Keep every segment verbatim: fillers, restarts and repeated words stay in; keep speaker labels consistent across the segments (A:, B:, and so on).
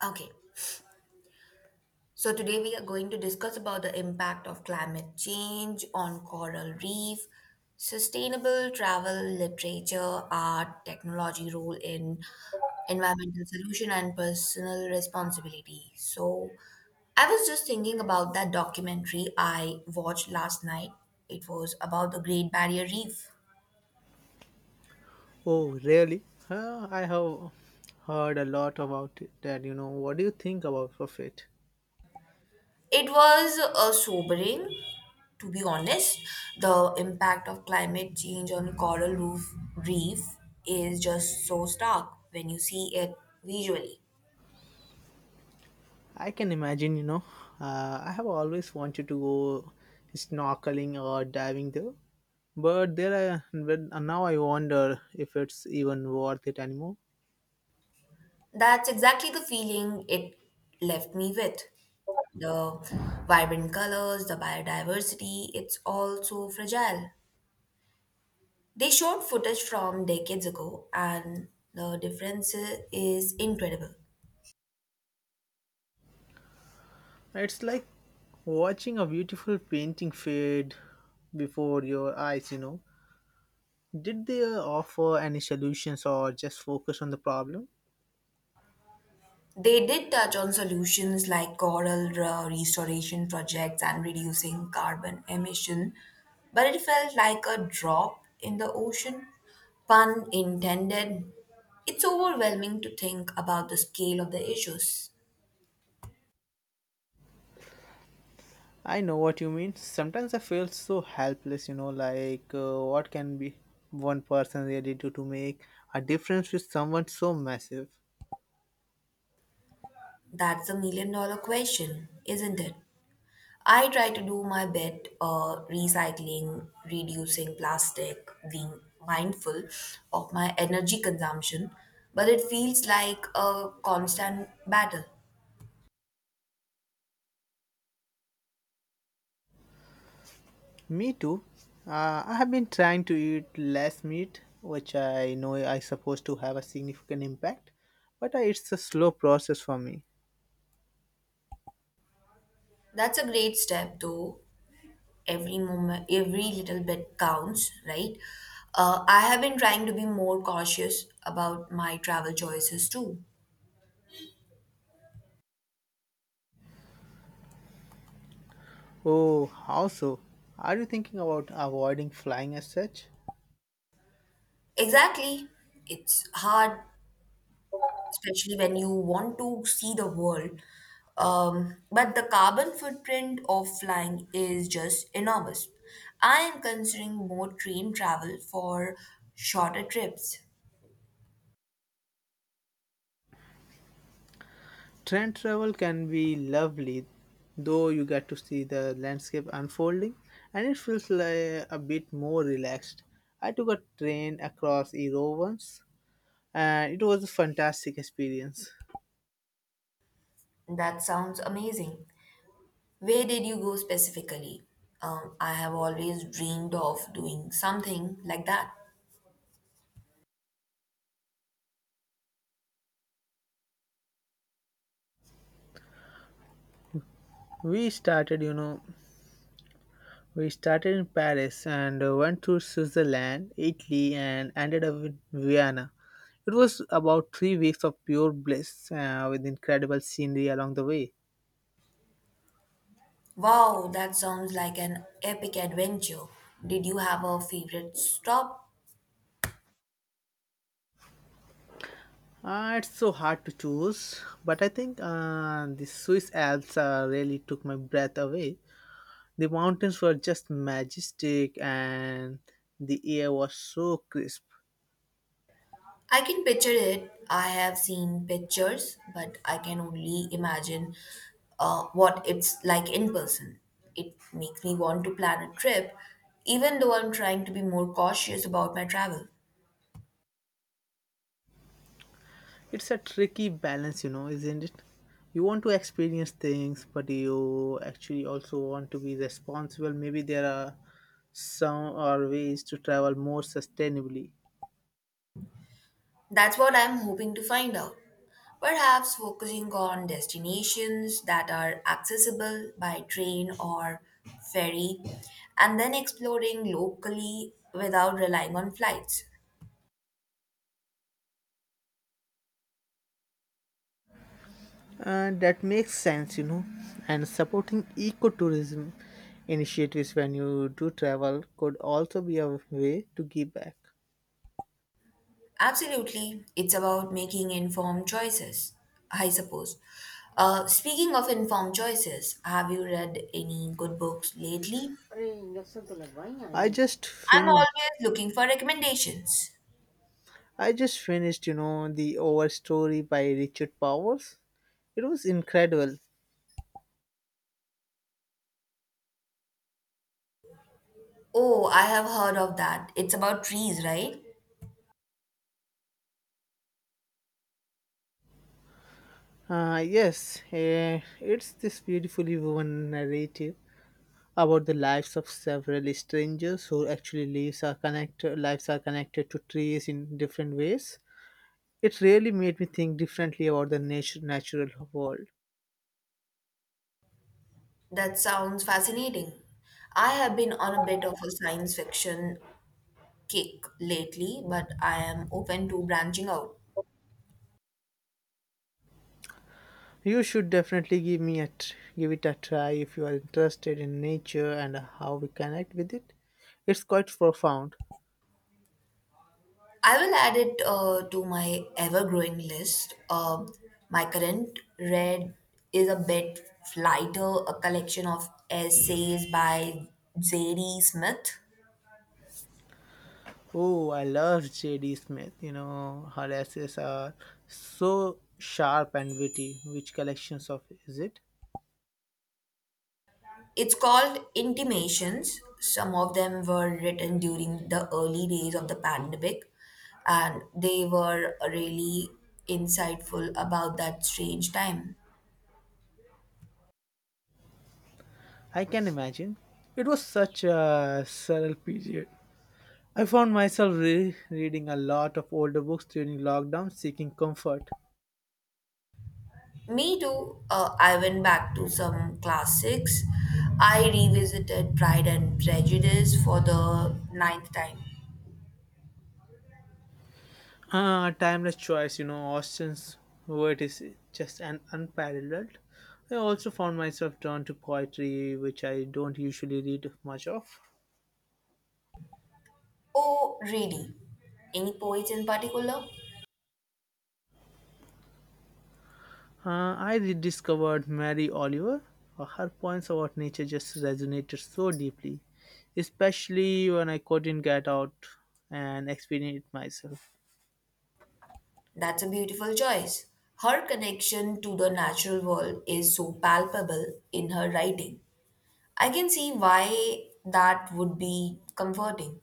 A: Okay, so today we are going to discuss about the impact of climate change on coral reef, sustainable travel, literature, art, technology role in environmental solution and personal responsibility. So I was just thinking about that documentary I watched last night. It was about the Great Barrier Reef.
B: Oh, really? Huh, I have heard a lot about it, that. You know, what do you think about it?
A: It was uh, sobering, to be honest. The impact of climate change on coral reef, reef is just so stark when you see it visually.
B: I can imagine. You know, uh, I have always wanted to go snorkeling or diving there, but there, I, but now I wonder if it's even worth it anymore.
A: That's exactly the feeling it left me with. The vibrant colors, the biodiversity, it's all so fragile. They showed footage from decades ago, and the difference is incredible.
B: It's like watching a beautiful painting fade before your eyes. You know, did they offer any solutions or just focus on the problem?
A: They did touch on solutions like coral re- restoration projects and reducing carbon emission, but it felt like a drop in the ocean. Pun intended. It's overwhelming to think about the scale of the issues.
B: I know what you mean. Sometimes I feel so helpless, you know, like uh, what can be one person really do to make a difference with someone so massive?
A: That's a million dollar question, isn't it? I try to do my bit, uh, recycling, reducing plastic, being mindful of my energy consumption, but it feels like a constant battle.
B: Me too. Uh, I have been trying to eat less meat, which I know I supposed to have a significant impact, but I, it's a slow process for me.
A: That's a great step though. Every moment, every little bit counts, right? Uh, I have been trying to be more cautious about my travel choices too.
B: Oh, how so? Are you thinking about avoiding flying as such?
A: Exactly. It's hard especially when you want to see the world. Um, but the carbon footprint of flying is just enormous. I am considering more train travel for shorter trips.
B: Train travel can be lovely, though you get to see the landscape unfolding and it feels like a bit more relaxed. I took a train across Europe once and it was a fantastic experience.
A: That sounds amazing. Where did you go specifically? Um, I have always dreamed of doing something like that.
B: We started, you know, we started in Paris and uh, went to Switzerland, Italy, and ended up in Vienna. It was about three weeks of pure bliss uh, with incredible scenery along the way.
A: Wow, that sounds like an epic adventure. Did you have a favorite stop?
B: Uh, it's so hard to choose, but I think uh, the Swiss Alps uh, really took my breath away. The mountains were just majestic, and the air was so crisp.
A: I can picture it. I have seen pictures, but I can only imagine uh, what it's like in person. It makes me want to plan a trip, even though I'm trying to be more cautious about my travel.
B: It's a tricky balance, you know, isn't it? You want to experience things, but you actually also want to be responsible. Maybe there are some or ways to travel more sustainably.
A: That's what I'm hoping to find out. Perhaps focusing on destinations that are accessible by train or ferry, and then exploring locally without relying on flights.
B: Uh, that makes sense, you know. And supporting ecotourism initiatives when you do travel could also be a way to give back.
A: Absolutely. It's about making informed choices, I suppose. Uh, speaking of informed choices, have you read any good books lately?
B: I just
A: I'm always
B: finished.
A: looking for recommendations.
B: I just finished, you know, the Overstory by Richard Powers. It was incredible.
A: Oh, I have heard of that. It's about trees, right?
B: Uh, yes, eh, it's this beautifully woven narrative about the lives of several strangers who actually lives are connected. Lives are connected to trees in different ways. It really made me think differently about the natu- natural world.
A: That sounds fascinating. I have been on a bit of a science fiction kick lately, but I am open to branching out.
B: You should definitely give me a tr- give it a try if you are interested in nature and how we connect with it. It's quite profound.
A: I will add it uh, to my ever growing list. Um, my current read is a bit lighter, a collection of essays by J D. Smith.
B: Oh, I love J D. Smith. You know, her essays are so sharp and witty. Which collections of is it?
A: It's called Intimations. Some of them were written during the early days of the pandemic, and they were really insightful about that strange time.
B: I can imagine. It was such a surreal period. I found myself re- reading a lot of older books during lockdown, seeking comfort.
A: Me too. Uh, I went back to some classics. I revisited Pride and Prejudice for the ninth time.
B: Ah, timeless choice, you know, Austen's word is just an unparalleled. I also found myself drawn to poetry, which I don't usually read much of.
A: Oh, really? Any poets in particular?
B: Uh, I rediscovered Mary Oliver. Uh, Her points about nature just resonated so deeply, especially when I couldn't get out and experience it myself.
A: That's a beautiful choice. Her connection to the natural world is so palpable in her writing. I can see why that would be comforting.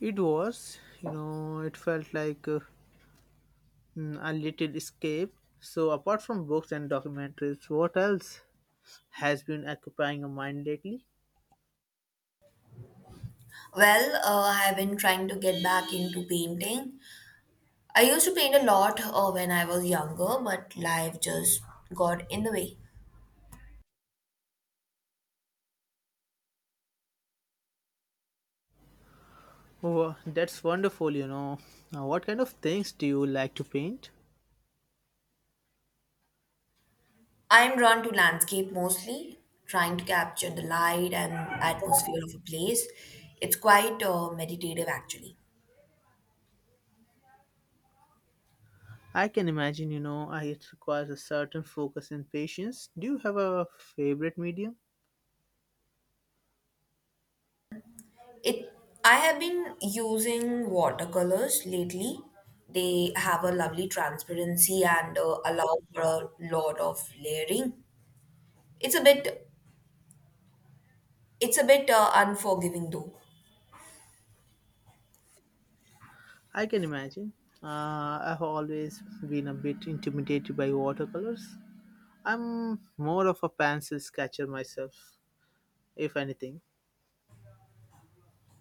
B: It was, you know, it felt like uh, mm, a little escape. So, apart from books and documentaries, what else has been occupying your mind lately?
A: Well, uh, I have been trying to get back into painting. I used to paint a lot uh, when I was younger, but life just got in the way.
B: Oh, that's wonderful, you know. Now, what kind of things do you like to paint?
A: I'm drawn to landscape mostly, trying to capture the light and atmosphere of a place. It's quite, uh, meditative actually.
B: I can imagine, you know, I, it requires a certain focus and patience. Do you have a favorite medium?
A: It I have been using watercolors lately. They have a lovely transparency and uh, allow for a lot of layering. It's a bit it's a bit uh, unforgiving though.
B: I can imagine. Uh, I've always been a bit intimidated by watercolors. I'm more of a pencil sketcher myself, if anything.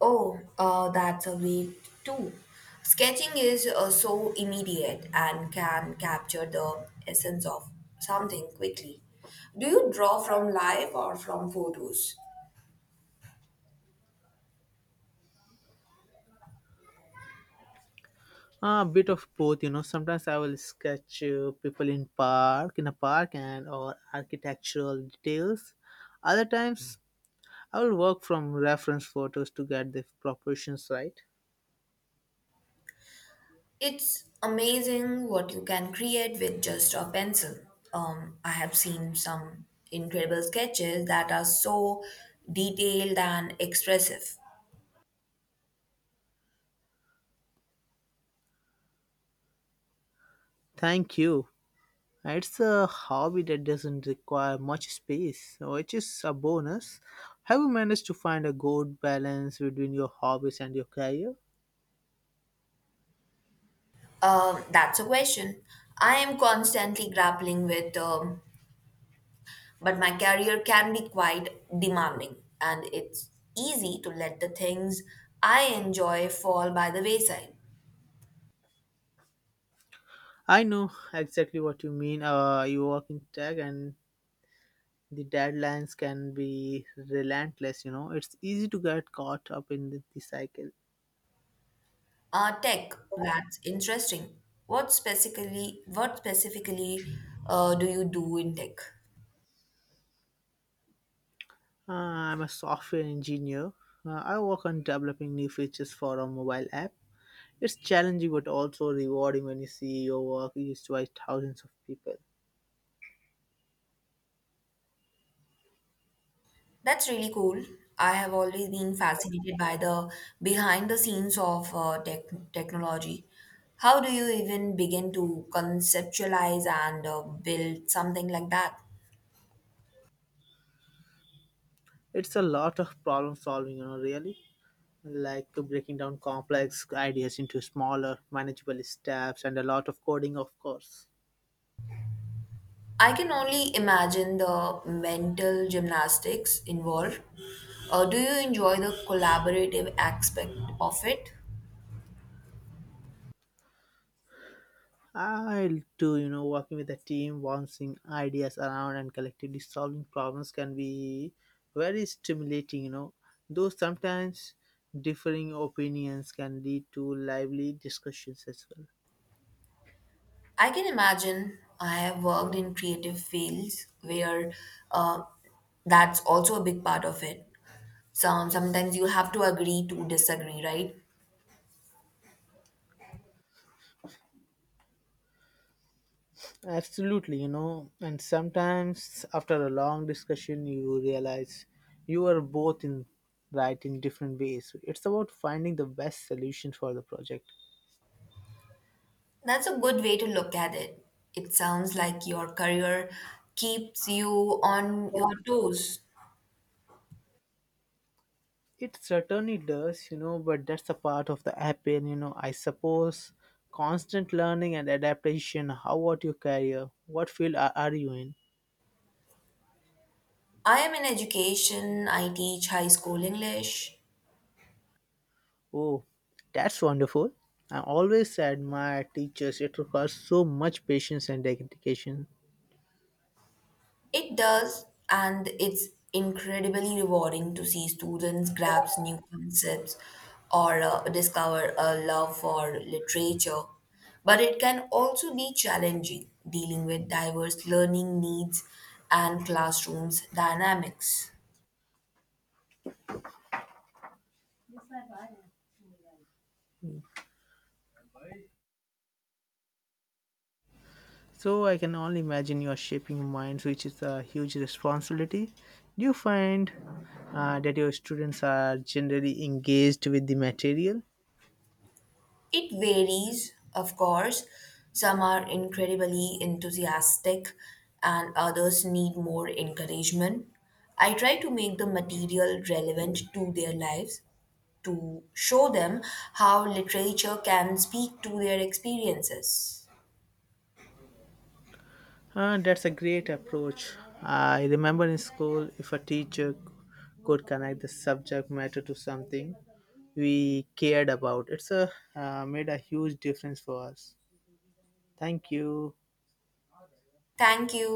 A: Oh, uh, that's a way too. Sketching is uh, so immediate and can capture the essence of something quickly. Do you draw from life or from photos?
B: A bit of both, you know. Sometimes I will sketch uh, people in park, in a park, and or architectural details. Other times, I will work from reference photos to get the proportions right.
A: It's amazing what you can create with just a pencil. Um, I have seen some incredible sketches that are so detailed and expressive.
B: Thank you. It's a hobby that doesn't require much space, which is a bonus. Have you managed to find a good balance between your hobbies and your career?
A: Um, that's a question I am constantly grappling with. Um, But my career can be quite demanding, and it's easy to let the things I enjoy fall by the wayside.
B: I know exactly what you mean. Uh, you work in tech and the deadlines can be relentless, you know. It's easy to get caught up in the, the cycle.
A: Uh, tech, that's interesting. What specifically, what specifically uh, do you do in tech?
B: uh, I'm a software engineer. uh, I work on developing new features for a mobile app. It's challenging but also rewarding when you see your work used by thousands of people.
A: That's really cool. I have always been fascinated by the behind the scenes of uh, tech, technology. How do you even begin to conceptualize and uh, build something like that?
B: It's a lot of problem solving, you know, really, like breaking down complex ideas into smaller manageable steps and a lot of coding of course.
A: I can only imagine the mental gymnastics involved. Uh, do you enjoy the collaborative aspect of it?
B: I'll do, you know, working with a team, bouncing ideas around and collectively solving problems can be very stimulating, you know. Though sometimes differing opinions can lead to lively discussions as well.
A: I can imagine I have worked in creative fields where uh, that's also a big part of it. Some, sometimes you have to agree to disagree, right?
B: Absolutely, you know, and sometimes after a long discussion, you realize you are both in right in different ways. It's about finding the best solution for the project.
A: That's a good way to look at it. It sounds like your career keeps you on your toes.
B: It certainly does, you know, but that's a part of the appeal, you know. I suppose constant learning and adaptation. How about your career? What field are, are you in?
A: I am in education, I teach high school English.
B: Oh, that's wonderful. I always admire teachers. It requires so much patience and dedication.
A: It does, and it's incredibly rewarding to see students grasp new concepts or uh, discover a love for literature. But it can also be challenging dealing with diverse learning needs and classrooms dynamics.
B: So I can only imagine you are shaping minds, which is a huge responsibility. Do you find uh, that your students are generally engaged with the material?
A: It varies, of course. Some are incredibly enthusiastic and others need more encouragement. I try to make the material relevant to their lives to show them how literature can speak to their experiences.
B: Uh, that's a great approach. I remember in school, if a teacher could connect the subject matter to something we cared about, it's a uh, made a huge difference for us. Thank you.
A: Thank you.